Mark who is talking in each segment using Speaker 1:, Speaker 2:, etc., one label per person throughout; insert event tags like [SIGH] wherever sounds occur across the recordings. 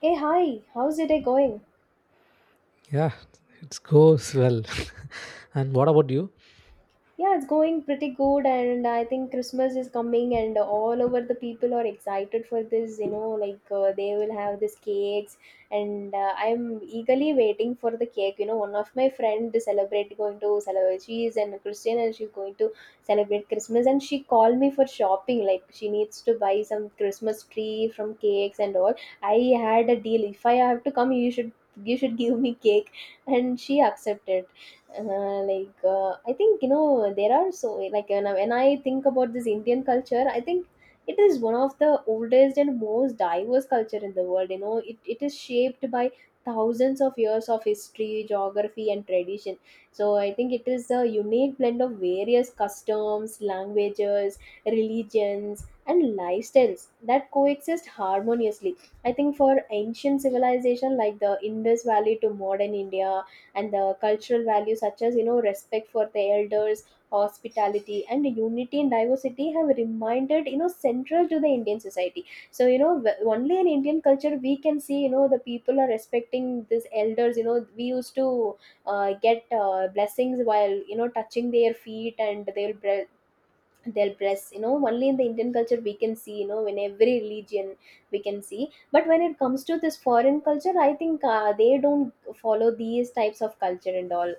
Speaker 1: Hey, hi, how's your day going?
Speaker 2: Yeah, it goes well. [LAUGHS] And what about you?
Speaker 1: Yeah, it's going pretty good, and I think Christmas is coming, and all over the people are excited for this. You know, like they will have these cakes, and I'm eagerly waiting for the cake. You know, one of my friend is celebrate going to celebrate. She is an Christian, and she's going to celebrate Christmas, and she called me for shopping. Like she needs to buy some Christmas tree from cakes and all. I had a deal. If I have to come, you should give me cake, and she accepted. I think you know there are so like when I think about this Indian culture, I think it is one of the oldest and most diverse culture in the world. You know, it is shaped by thousands of years of history, geography, and tradition. So I think it is a unique blend of various customs, languages, religions, and lifestyles that coexist harmoniously. I think for ancient civilization like the Indus Valley to modern India, and the cultural values such as you know respect for the elders, hospitality, and unity in diversity have reminded you know central to the Indian society. So you know only in Indian culture we can see you know the people are respecting these elders. You know we used to get blessings while you know touching their feet, and they'll dress. You know only in the Indian culture we can see you know in every religion we can see, but when it comes to this foreign culture I think they don't follow these types of culture and all.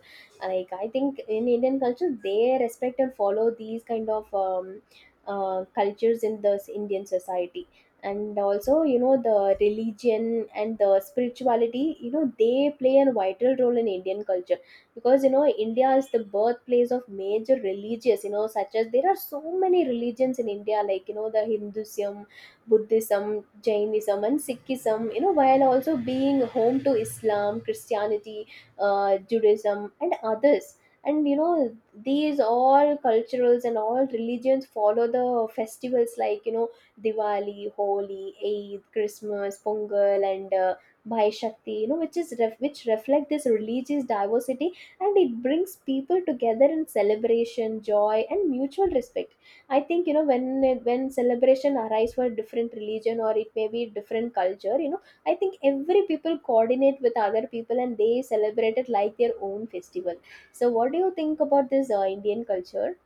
Speaker 1: Like I think in Indian culture they respect and follow these kind of cultures in the Indian society. And also you know the religion and the spirituality, you know they play a vital role in Indian culture because you know India is the birthplace of major religious, you know, such as there are so many religions in India like you know the Hinduism, Buddhism, Jainism, and Sikhism, you know, while also being home to Islam, Christianity, Judaism, and others. And you know these all culturals and all religions follow the festivals like you know Diwali, Holi, Eid, Christmas, Pongal, and by Shakti, you know, which reflect this religious diversity, and it brings people together in celebration, joy, and mutual respect. I think you know when celebration arise for different religion, or it may be different culture, you know I think every people coordinate with other people and they celebrate it like their own festival. So what do you think about this Indian culture?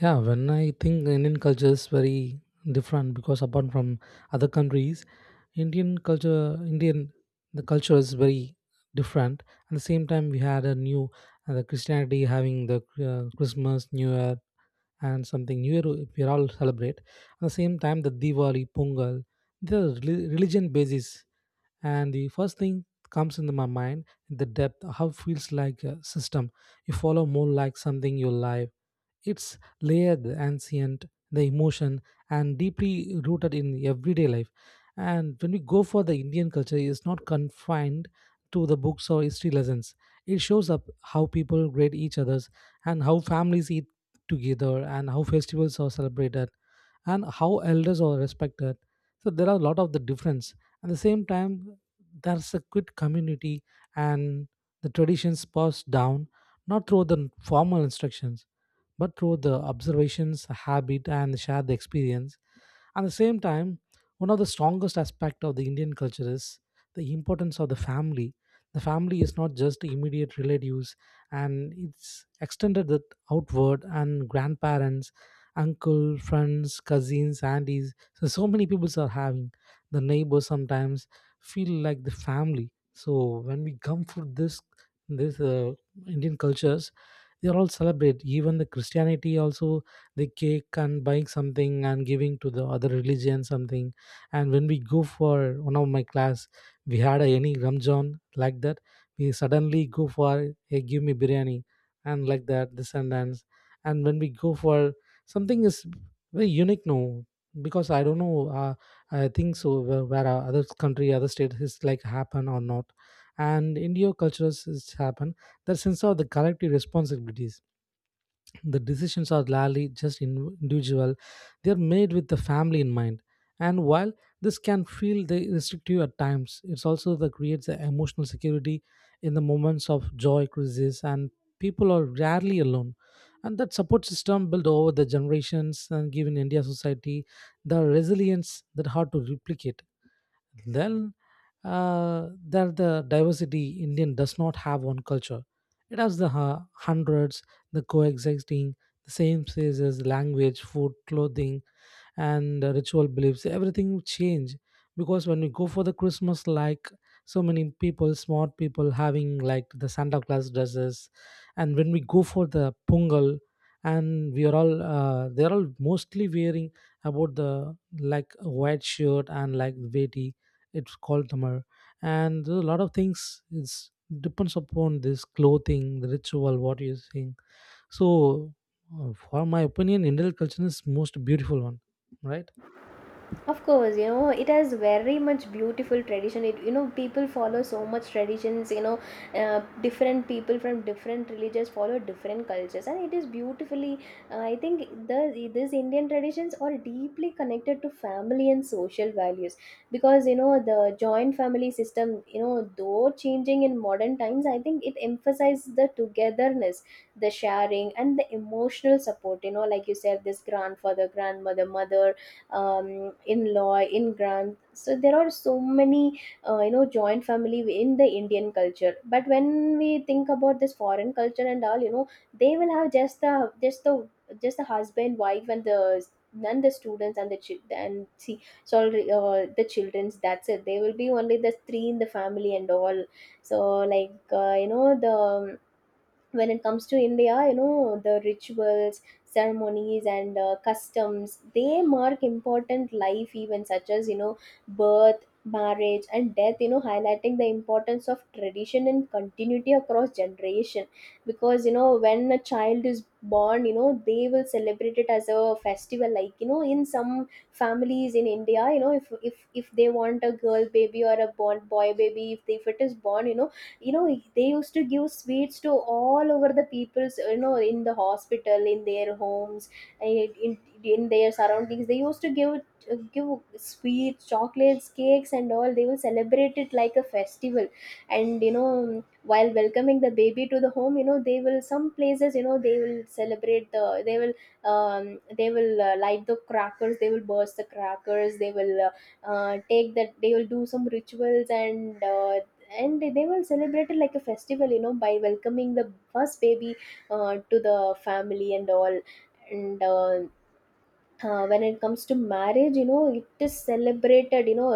Speaker 2: Yeah, when I think Indian culture is very different. Because apart from other countries, Indian culture, Indian the culture is very different. At the same time, we had a new the Christianity having the Christmas, New Year, and something New Year we all celebrate. At the same time, the Diwali, Pongal, the religion basis. And the first thing comes into my mind the depth, how it feels like a system you follow, more like something you live. It's layered the ancient, the emotion, and deeply rooted in everyday life. And when we go for the Indian culture, it's not confined to the books or history lessons. It shows up how people grade each others, and how families eat together, and how festivals are celebrated, and how elders are respected. So there are a lot of the difference. At the same time, there's a good community and the traditions passed down, not through the formal instructions, but through the observations, habit, and shared experience. At the same time, one of the strongest aspects of the Indian culture is the importance of the family. The family is not just immediate relatives, and it's extended that outward, and grandparents, uncle, friends, cousins, aunties. So so many people are having the neighbors sometimes feel like the family. So when we come for this Indian cultures, they are all celebrate. Even the Christianity also, the cake and buying something and giving to the other religion something. And when we go for one of my class, we had a, any Ramjan like that, we suddenly go for, hey, give me biryani, and like that, this and that. And when we go for something is very unique, no? Because I don't know, I think so, where are other country, other state is like happen or not, and India cultures is happen. The sense of the collective responsibilities, the decisions are largely just individual, they are made with the family in mind. And while this can feel the restrictive at times, it's also that creates the emotional security. In the moments of joy, crisis, and people are rarely alone, and that support system built over the generations and given India society the resilience that hard to replicate. Then that the diversity, Indian does not have one culture. It has the hundreds, the coexisting, the same spaces, language, food, clothing, and ritual beliefs, everything change. Because when we go for the Christmas like, so many people, smart people having like the Santa Claus dresses. And when we go for the Pongal, and we are all they're all mostly wearing about the like white shirt and like veti, it's called tamar. And a lot of things is depends upon this clothing, the ritual what you're saying. So, for my opinion, Indian culture is most beautiful one, right?
Speaker 1: Of course, you know, it has very much beautiful tradition. It, you know, people follow so much traditions, you know, different people from different religions follow different cultures. And it is beautifully, I think the this Indian traditions are deeply connected to family and social values because, you know, the joint family system, you know, though changing in modern times, I think it emphasizes the togetherness, the sharing, and the emotional support, you know, like you said, this grandfather, grandmother, mother, in-law in-grand, so there are so many you know joint family in the Indian culture. But when we think about this foreign culture and all, you know they will have just the husband wife, and the students, and the children, and see sorry the children's, that's it, they will be only the three in the family and all. So you know the when it comes to India, you know the rituals, ceremonies, and customs, they mark important life events such as you know birth, marriage, and death, you know, highlighting the importance of tradition and continuity across generation. Because you know when a child is born you know they will celebrate it as a festival like you know in some families in India, you know, if they want a girl baby or a born boy baby, if it is born, you know, you know they used to give sweets to all over the people's you know in the hospital, in their homes, and in their surroundings, they used to give sweets, chocolates, cakes, and all. They will celebrate it like a festival. And you know while welcoming the baby to the home, you know they will some places you know they will celebrate the they will light the crackers, they will burst the crackers, they will take that, they will do some rituals, and they will celebrate it like a festival you know by welcoming the first baby to the family and all. And when it comes to marriage, you know it is celebrated you know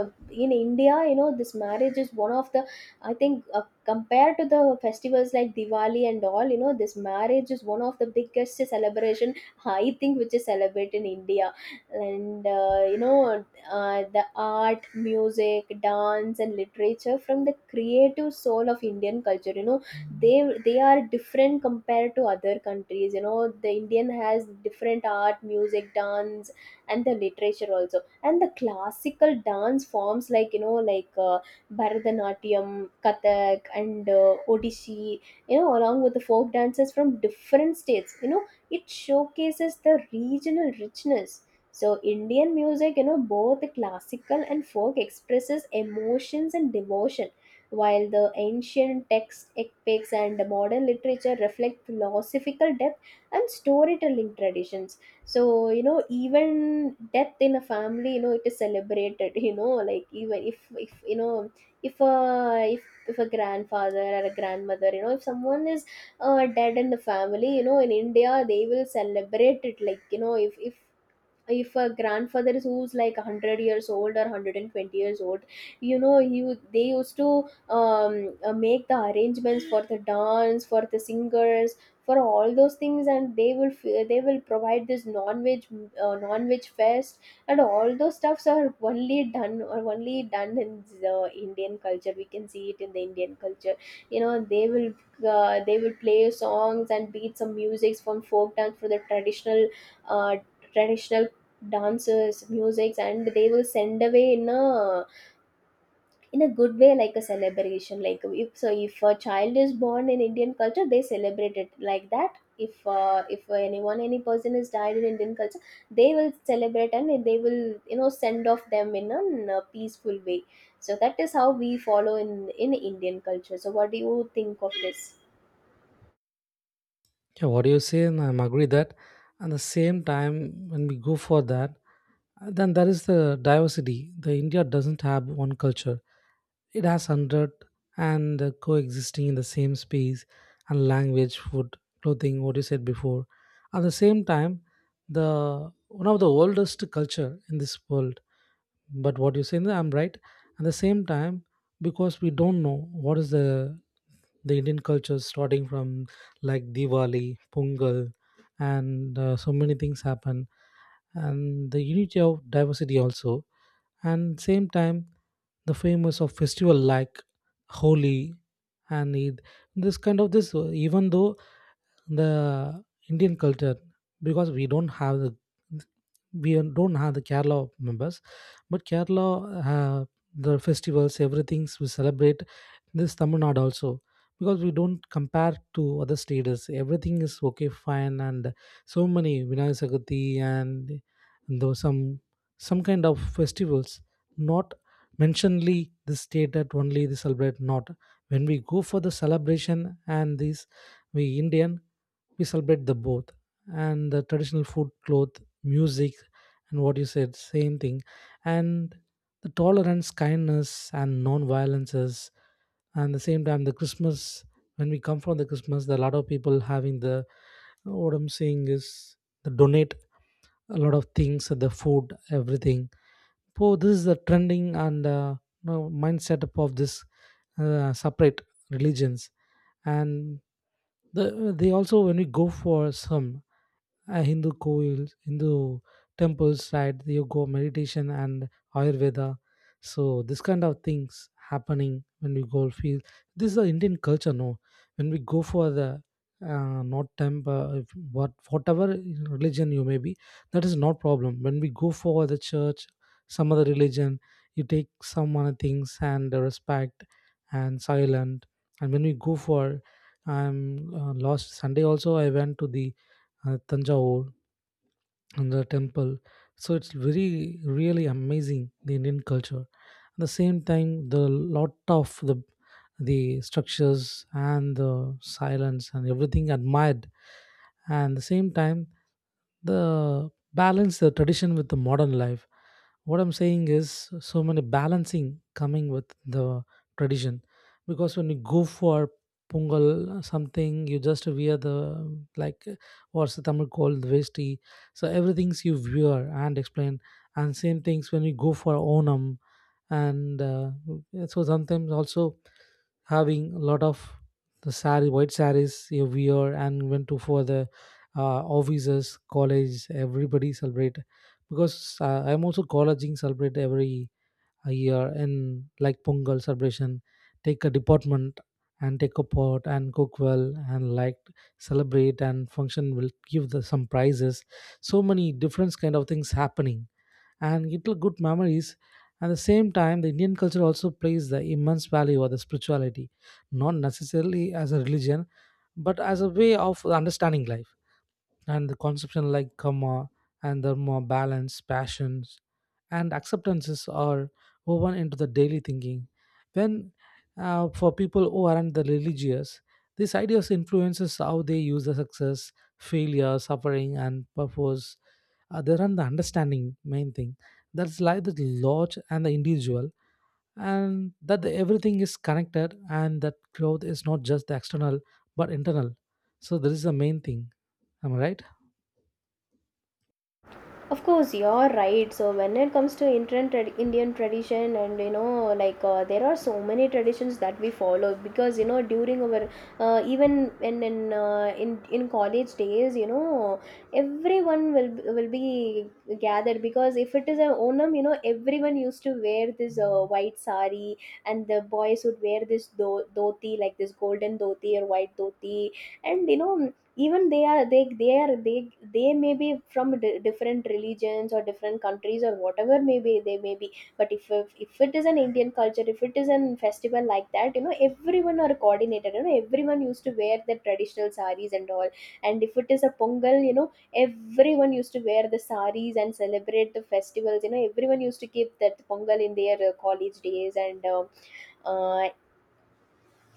Speaker 1: in India, you know this marriage is one of the I think compared to the festivals like Diwali and all, you know this marriage is one of the biggest celebration I think which is celebrated in India. And you know the art, music, dance, and literature from the creative soul of Indian culture, you know they they are different compared to other countries. You know the Indian has different art, music, dance, and the literature also. And the classical dance forms like you know Bharatanatyam, Kathak, and Odissi, you know, along with the folk dances from different states, you know it showcases the regional richness. So Indian music, you know, both classical and folk expresses emotions and devotion, while the ancient texts, epics, and the modern literature reflect philosophical depth and storytelling traditions. So you know even death in a family, you know it is celebrated. [LAUGHS] You know, like even if you know if a grandfather or a grandmother, you know, if someone is dead in the family, you know in India they will celebrate it like you know if a grandfather is who's like 100 years old or 120 years old, you know you they used to make the arrangements for the dance, for the singers, for all those things, and they will they will provide this non-veg non-veg fest, and all those stuffs are only done in the Indian culture. We can see it in the Indian culture. You know they will play songs and beat some music from folk dance for the traditional uh, traditional dances, musics, and they will send away in a good way, like a celebration. Like if so, if a child is born in Indian culture, they celebrate it like that. If anyone any person is died in Indian culture, they will celebrate and they will you know send off them in a peaceful way. So that is how we follow in Indian culture. So what do you think of this?
Speaker 2: Yeah, what do you say? And I'm agree that. At the same time, when we go for that, then there is the diversity. The India doesn't have one culture. It has hundred and coexisting in the same space and language, food, clothing, what you said before. At the same time, the one of the oldest culture in this world. But what you say, I'm right. At the same time, because we don't know what is the Indian culture starting from like Diwali, Pongal, and so many things happen. And the unity of diversity also. And same time, the famous of festival like Holi and Eid. This kind of this even though the Indian culture, because we don't have the we don't have the Kerala members, but Kerala the festivals, everything's we celebrate, this Tamil Nadu also, because we don't compare to other states. Everything is okay, fine, and so many Vinayak Chaturthi and though some kind of festivals, not mentionedly the state that only they celebrate, not when we go for the celebration. And this we Indian, we celebrate the both, and the traditional food, cloth, music, and what you said, same thing. And the tolerance, kindness, and non-violences. And the same time, the Christmas, when we come from the Christmas, there are a lot of people having the, what I'm saying is, they donate a lot of things, the food, everything. So this is the trending and you know, mindset of this separate religions. And the, they also when we go for some Hindu coils, Hindu temples, right? You go meditation and Ayurveda. So this kind of things happening when we go field. This is the Indian culture, no? When we go for the not temple, what whatever religion you may be, that is not problem. When we go for the church, some other religion, you take some other things and the respect and silent. And when we go for, I'm last Sunday also I went to the Tanjavur and the temple. So it's very really amazing the Indian culture. At the same time, the lot of the structures and the silence and everything admired. And the same time, the balance the tradition with the modern life, what I'm saying is so many balancing coming with the tradition. Because when you go for Pungal something, you just wear the, like, what's the Tamil called, the vesti. So everything's you wear and explain. And same things when you go for Onam and so sometimes also having a lot of the sari, white saris every year, and went to for the offices, college, everybody celebrate. Because I'm also colleging celebrate every year in like Pongal celebration, take a department and take a pot and cook well and like celebrate and function will give the some prizes. So many different kind of things happening, and little good memories. At the same time, the Indian culture also plays the immense value of the spirituality, not necessarily as a religion, but as a way of understanding life. And the conception like karma and dharma, balance, passions, and acceptances are woven into the daily thinking. When for people who aren't the religious, these ideas influences how they use the success, failure, suffering, and purpose. They run the understanding main thing. That's like the large and the individual, and that the, everything is connected, and that growth is not just the external but internal. So this is the main thing. Am I right?
Speaker 1: Of course, you're right. So when it comes to Indian tradition, and you know, there are so many traditions that we follow because you know during our even in in college days, you know, everyone will be gathered because if it is a Onam, you know, everyone used to wear this white sari, and the boys would wear this dhoti like this golden dhoti or white dhoti. And you know even they they may be from different religions or different countries or whatever maybe they may be, but if it is an Indian culture, if it is an festival like that, you know everyone are coordinated, you know everyone used to wear the traditional saris and all. And if it is a pongal, you know everyone used to wear the saris and celebrate the festivals, you know everyone used to keep that pongal in their college days. And uh,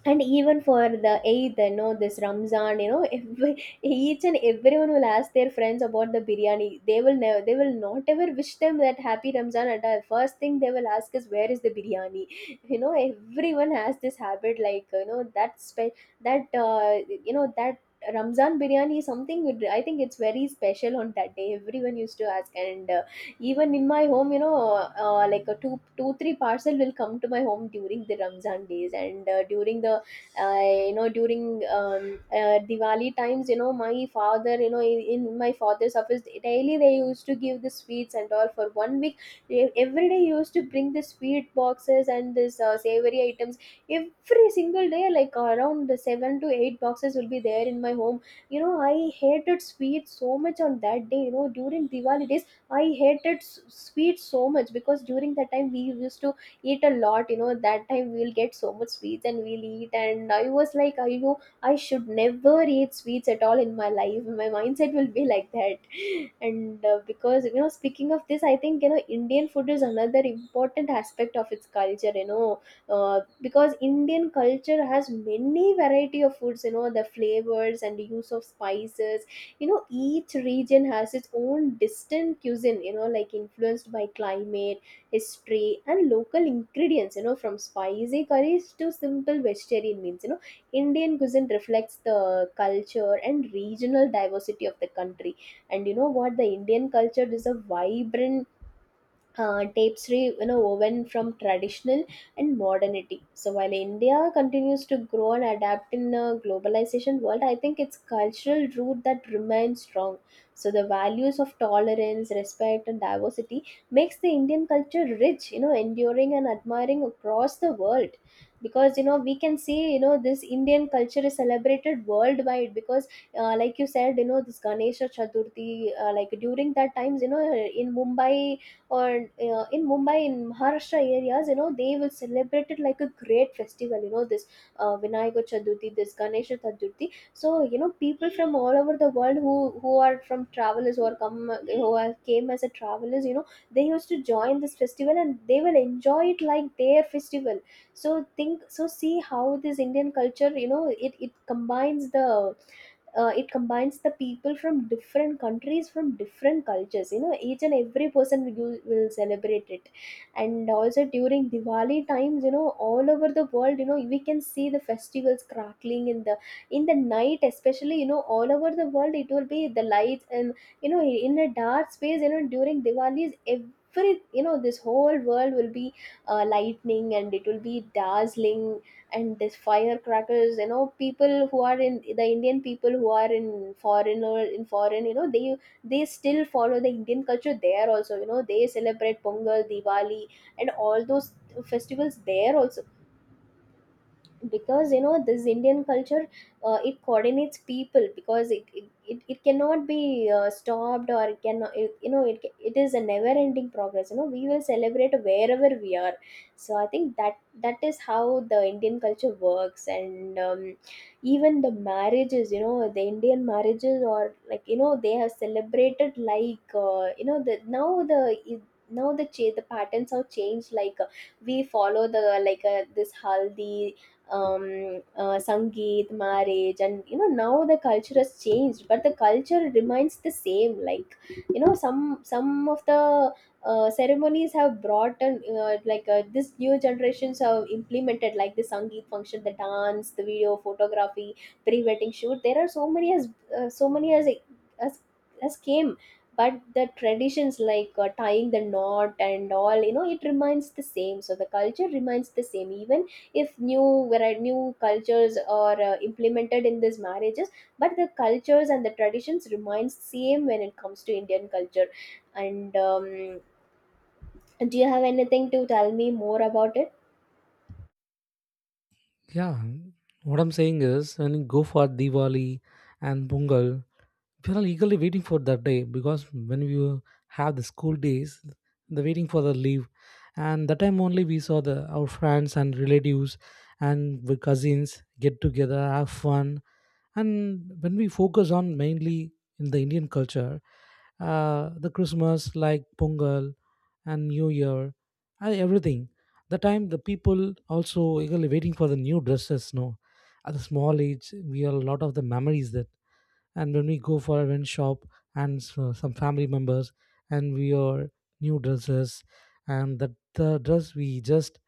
Speaker 1: and even for the eighth, you know, this Ramzan, you know, if [LAUGHS] each and everyone will ask their friends about the biryani. They will never, they will not ever wish them that happy Ramzan at all. First thing they will ask is where is the biryani. [LAUGHS] You know, everyone has this habit, like you know, that spe- that you know that Ramzan biryani is something. With, I think it's very special on that day. Everyone used to ask, and even in my home, you know, like a three parcel will come to my home during the Ramzan days. And during the, you know, during Diwali times, you know, my father, you know, in my father's office daily they used to give the sweets and all for one week. Every day he used to bring the sweet boxes and this savory items. Every single day, like around the seven to eight boxes will be there in my home. You know, I hated sweets so much on that day, you know, during Diwali days. I hated sweets so much because during that time we used to eat a lot. You know, that time we'll get so much sweets and we'll eat. And I was like, I I should never eat sweets at all in my life. My mindset will be like that. [LAUGHS] And because you know, Speaking of this, I think, you know, Indian food is another important aspect of its culture. Because Indian culture has many variety of foods. You know, the flavors and the use of spices, you know, each region has its own distant cuisine, you know, like influenced by climate, history, and local ingredients. You know, from spicy curries to simple vegetarian meals, you know, Indian cuisine reflects the culture and regional diversity of the country. And you know what, the Indian culture is a vibrant tapestry, you know, woven from traditional and modernity. So while India continues to grow and adapt in a globalization world, I think its cultural root that remains strong. So the values of tolerance, respect, and diversity makes the Indian culture rich, you know, enduring and admiring across the world. Because, you know, we can see, you know, this Indian culture is celebrated worldwide because, like you said, you know, this Ganesha Chaturthi, like during that times, you know, in Mumbai or in Mumbai, in Maharashtra areas, you know, they will celebrate it like a great festival. You know, this Vinayaka Chaturthi, this Ganesha Chaturthi. So, you know, people from all over the world who are from travelers or come who are, came as a travelers, you know, they used to join this festival and they will enjoy it like their festival. So think, so see how this Indian culture, you know, it combines the it combines the people from different countries from different cultures. You know, each and every person will, will celebrate it. And also during Diwali times, you know, all over the world, you know, we can see the festivals crackling in the night, especially, you know, all over the world it will be the lights and, you know, in a dark space, you know, during Diwali's every, you know, this whole world will be lightning and it will be dazzling. And there's firecrackers, you know, people who are in the Indian people who are in foreign or in foreign, you know, they still follow the Indian culture there also. You know, they celebrate Pongal, Diwali, and all those festivals there also. Because, you know, this Indian culture, it coordinates people because it cannot be stopped or it cannot it, you know, it is a never ending progress. You know, we will celebrate wherever we are. So I think that is how the Indian culture works. And even the marriages, you know, the Indian marriages or, like, you know, they have celebrated like, you know, the now the now the the patterns have changed like, we follow the like, this haldi, sangeet, marriage, and you know now the culture has changed, but the culture remains the same. Like, you know, some of the ceremonies have brought and, like, this new generations have implemented like the sangeet function, the dance, the video, photography, pre-wedding shoot. There are so many as, uh, so many as as came. But the traditions like, tying the knot and all, you know, it remains the same. So the culture remains the same. Even if new, where new cultures are implemented in these marriages, but the cultures and the traditions remain same when it comes to Indian culture. And do you have anything to tell me more about it?
Speaker 2: Yeah, what I'm saying is, when you go for Diwali and Pungal, people are eagerly waiting for that day. Because when we have the school days, they're waiting for the leave, and that time only we saw the our friends and relatives and with cousins, get together, have fun. And when we focus on mainly in the Indian culture, the Christmas like Pongal and New Year and everything, the time the people also eagerly waiting for the new dresses, no? At the small age, we have a lot of the memories that. And when we go for a rent shop and so some family members, and we are new dresses, and that the dress we just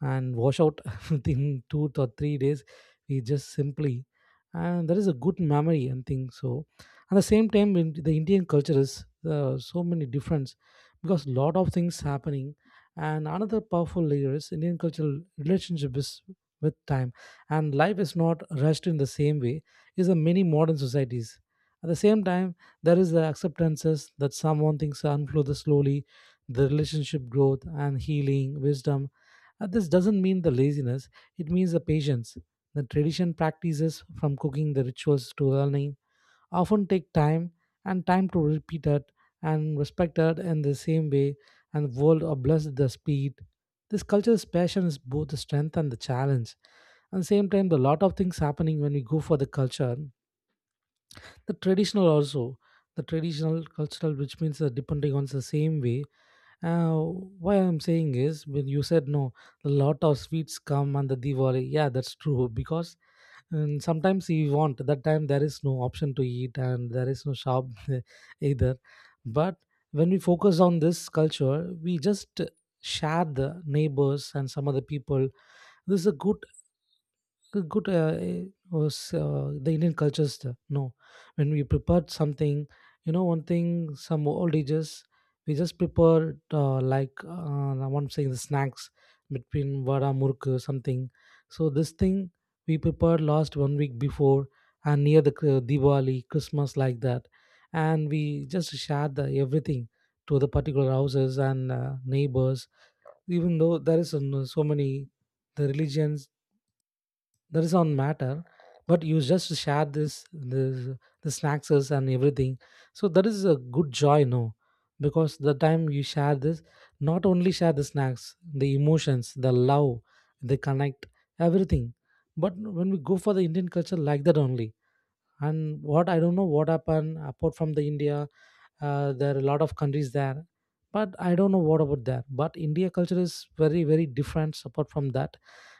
Speaker 2: and wash out [LAUGHS] within 2 to 3 days, we just simply. And that is a good memory and thing. So at the same time, in the Indian culture is so many difference, because lot of things happening. And another powerful layer is Indian cultural relationship is with time, and life is not rushed in the same way is in many modern societies. At the same time, there is the acceptances that someone thinks unfolds slowly, the relationship growth and healing, wisdom. This doesn't mean the laziness, it means the patience. The tradition practices from cooking the rituals to learning often take time and time to repeat it and respect it in the same way, and world are blessed the speed. This culture's passion is both the strength and the challenge. At the same time, a lot of things happening when we go for the culture, the traditional also, the traditional cultural, which means that depending on the same way. uh, why I'm saying is, when you said, no, a lot of sweets come on the Diwali, yeah, that's true. Because sometimes we want that time there is no option to eat and there is no shop [LAUGHS] either. But when we focus on this culture, we just share the neighbors and some other people. This is a good good eh, was the Indian cultures. No, when we prepared something, you know, one thing, some old ages, we just prepared like I want to say the snacks between vada murku something. So this thing we prepared last 1 week before and near the Diwali, Christmas like that, and we just shared everything to the particular houses and neighbors even though there is so many the religions, there is on matter, but you just share this the snacks and everything. So that is a good joy no, because the time you share this, not only share the snacks, the emotions, the love, the connect, everything. But when we go for the Indian culture like that only. And what I don't know what happened apart from the India, there are a lot of countries there, but I don't know what about there, but India culture is very very different apart from that.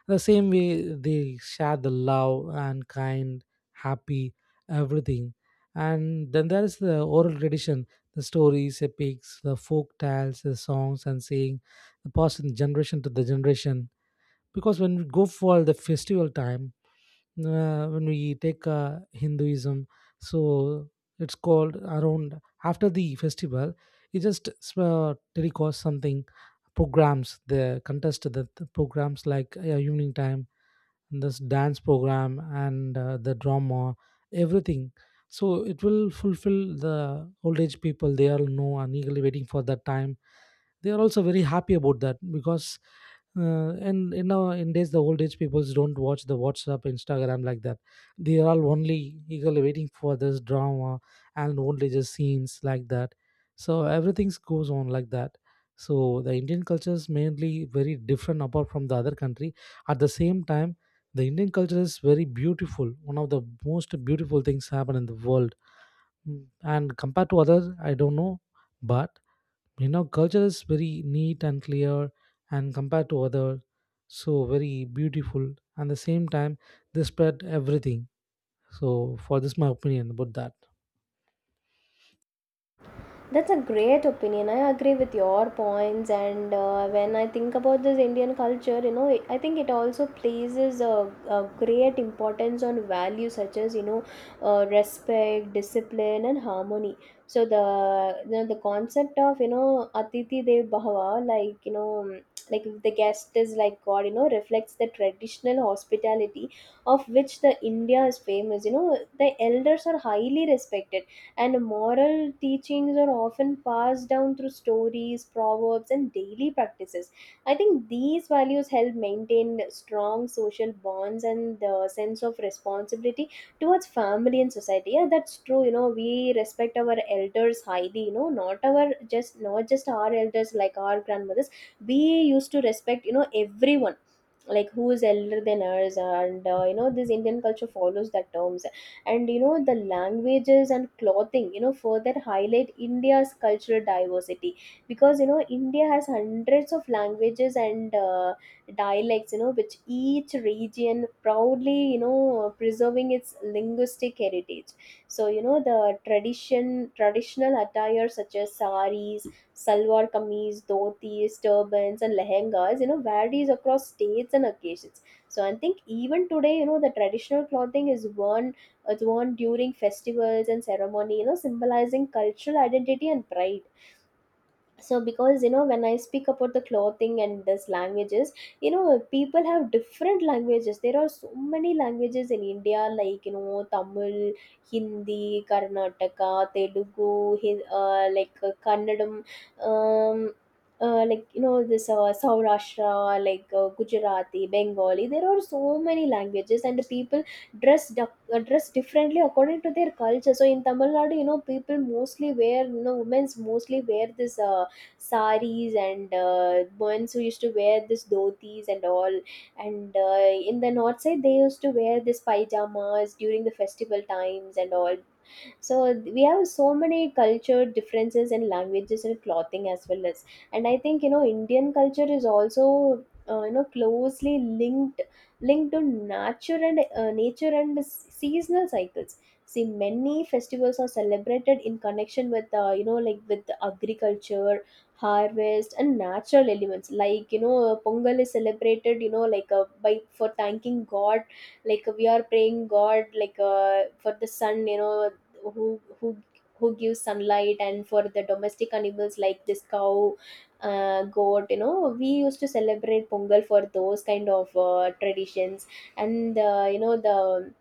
Speaker 2: The same way they share the love and kind, happy, everything. And then there is the oral tradition, the stories, epics, the folk tales, the songs and saying, the passing generation to the generation. Because when we go for the festival time, when we take Hinduism, so it's called around after the festival. It just telecast something programs, the contest, the programs like evening time, this dance program and the drama, everything. So it will fulfill the old age people. They all know and eagerly waiting for that time. They are also very happy about that. Because and you know in days the old age people don't watch the WhatsApp, Instagram like that. They are all only eagerly waiting for this drama and only just scenes like that. So everything goes on like that. So the Indian culture is mainly very different apart from the other country. At the same time, the Indian culture is very beautiful, one of the most beautiful things happen in the world. Mm, and compared to others I don't know, but you know culture is very neat and clear, and compared to other, so very beautiful. And the same time they spread everything. So for this my opinion about that.
Speaker 1: That's a great opinion. I agree with your points. And when I think about this Indian culture, you know, I think it also places a great importance on values such as, you know, respect, discipline, and harmony. So the you know, the concept of, you know, Atiti Dev Bhava, like, you know, like the guest is like God, you know, reflects the traditional hospitality of which the India is famous. You know, the elders are highly respected and moral teachings are often passed down through stories, proverbs, and daily practices. I think these values help maintain strong social bonds and the sense of responsibility towards family and society. Yeah, that's true. You know, we respect our elders highly. You know, not just our elders like our grandmothers. We used to respect, you know, everyone like who is elder than us. And you know, this Indian culture follows that terms. And you know the languages and clothing, you know, further highlight India's cultural diversity. Because, you know, India has hundreds of languages and, dialects, you know, which each region proudly, you know, preserving its linguistic heritage. So you know the traditional attire such as saris, salwar kameez, dhotis, turbans, and lehengas, you know, varies across states and occasions. So I think even today, you know, the traditional clothing is worn, it's worn during festivals and ceremony, you know, symbolizing cultural identity and pride. So because, you know, when I speak about the clothing and this languages, you know, people have different languages. There are so many languages in India, like, you know, Tamil, Hindi, Karnataka, Telugu, like, Kannadam, um, like, you know, this, Saurashtra, like, Gujarati, Bengali. There are so many languages, and the people dress dress differently according to their culture. So in Tamil Nadu, you know, people mostly wear, you know, women's mostly wear this, saris, and, ones who used to wear this dhotis and all. And, in the north side they used to wear this pajamas during the festival times and all. So we have so many culture differences in languages and clothing as well as. And I think, you know, Indian culture is also, you know, closely linked to nature and, nature and seasonal cycles. See, many festivals are celebrated in connection with, you know, like with agriculture, harvest, and natural elements, like, you know, Pongal is celebrated, you know, like, by for thanking god, like we are praying god like, for the sun, you know, who who who gives sunlight, and for the domestic animals like this cow, goat, you know, we used to celebrate Pongal for those kind of, traditions. And you know, the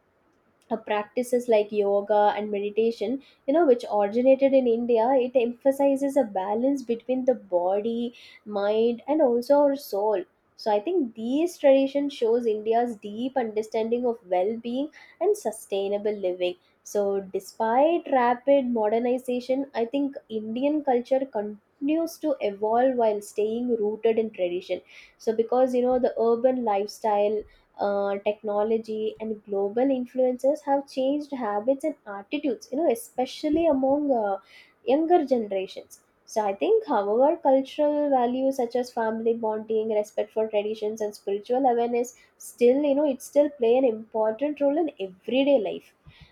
Speaker 1: practices like yoga and meditation, you know, which originated in India, it emphasizes a balance between the body, mind, and also our soul. So I think these traditions shows India's deep understanding of well-being and sustainable living. So despite rapid modernization, I think Indian culture continues to evolve while staying rooted in tradition. So because, you know, the urban lifestyle, technology, and global influences have changed habits and attitudes, you know, especially among, younger generations. So I think, however, cultural values such as family bonding, respect for traditions, and spiritual awareness still, you know, it still play an important role in everyday life.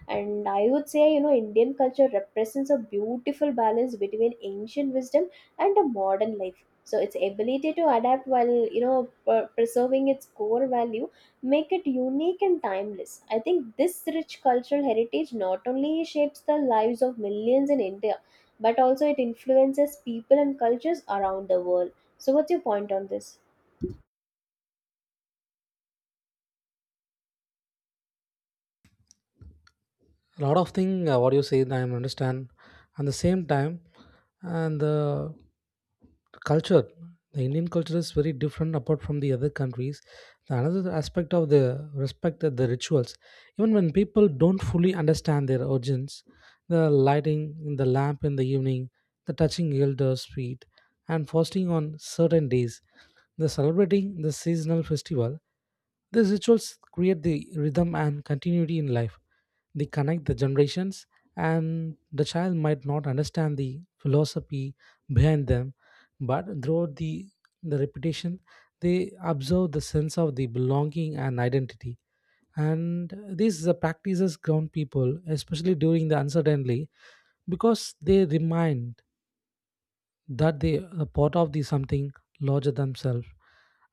Speaker 1: And I would say, you know, Indian culture represents a beautiful balance between ancient wisdom and a modern life. So its ability to adapt while, you know, preserving its core value make it unique and timeless. I think this rich cultural heritage not only shapes the lives of millions in India, but also it influences people and cultures around the world. So, what's your point on this?
Speaker 2: A lot of thing what you say I understand. And the same time, and the culture, the Indian culture is very different apart from the other countries. The another aspect of the respect, that the rituals, even when people don't fully understand their origins, the lighting the lamp in the evening, the touching elders feet and fasting on certain days, the celebrating the seasonal festival, these rituals create the rhythm and continuity in life. They connect the generations, and the child might not understand the philosophy behind them, but throughout the repetition, they observe the sense of the belonging and identity. And these practices ground people, especially during the uncertainty, because they remind that they are part of the something larger themselves.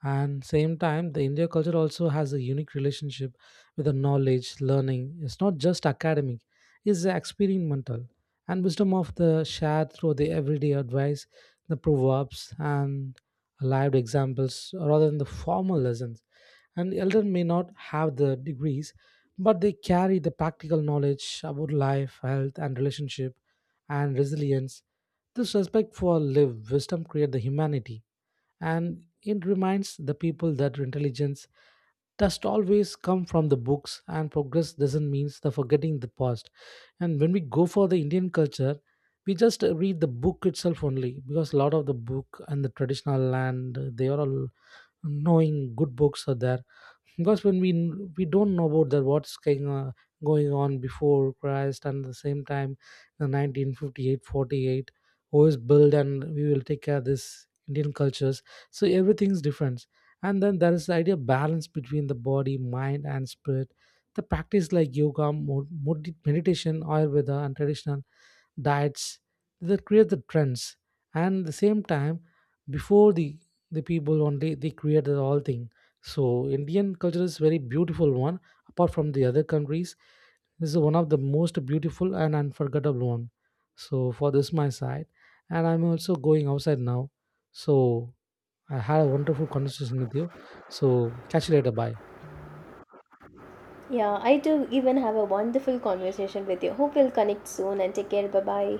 Speaker 2: And same time the India culture also has a unique relationship with the knowledge learning. It's not just academic, it's experimental, and wisdom of the shared through the everyday advice, the proverbs and lived examples rather than the formal lessons. And elder may not have the degrees, but they carry the practical knowledge about life, health and relationship and resilience. This respect for live wisdom creates the humanity, and it reminds the people that intelligence does always come from the books, and progress doesn't mean the forgetting the past. And when we go for the Indian culture, we just read the book itself only, because a lot of the book and the traditional land, they are all knowing good books are there. Because when we don't know about that what's going on, going on before Christ. And at the same time, the 1958 48, who is built, and we will take care of this Indian cultures. So everything's different. And then there is the idea of balance between the body, mind and spirit. The practice like yoga, meditation, ayurveda and traditional diets, that create the trends. And at the same time, before the people only they created all thing. So Indian culture is very beautiful one. Apart from the other countries, this is one of the most beautiful and unforgettable one. So for this my side, and I'm also going outside now. So I had a wonderful conversation with you. So catch you later. Bye.
Speaker 1: Yeah, I do even have a wonderful conversation with you. Hope we'll connect soon and take care. Bye bye.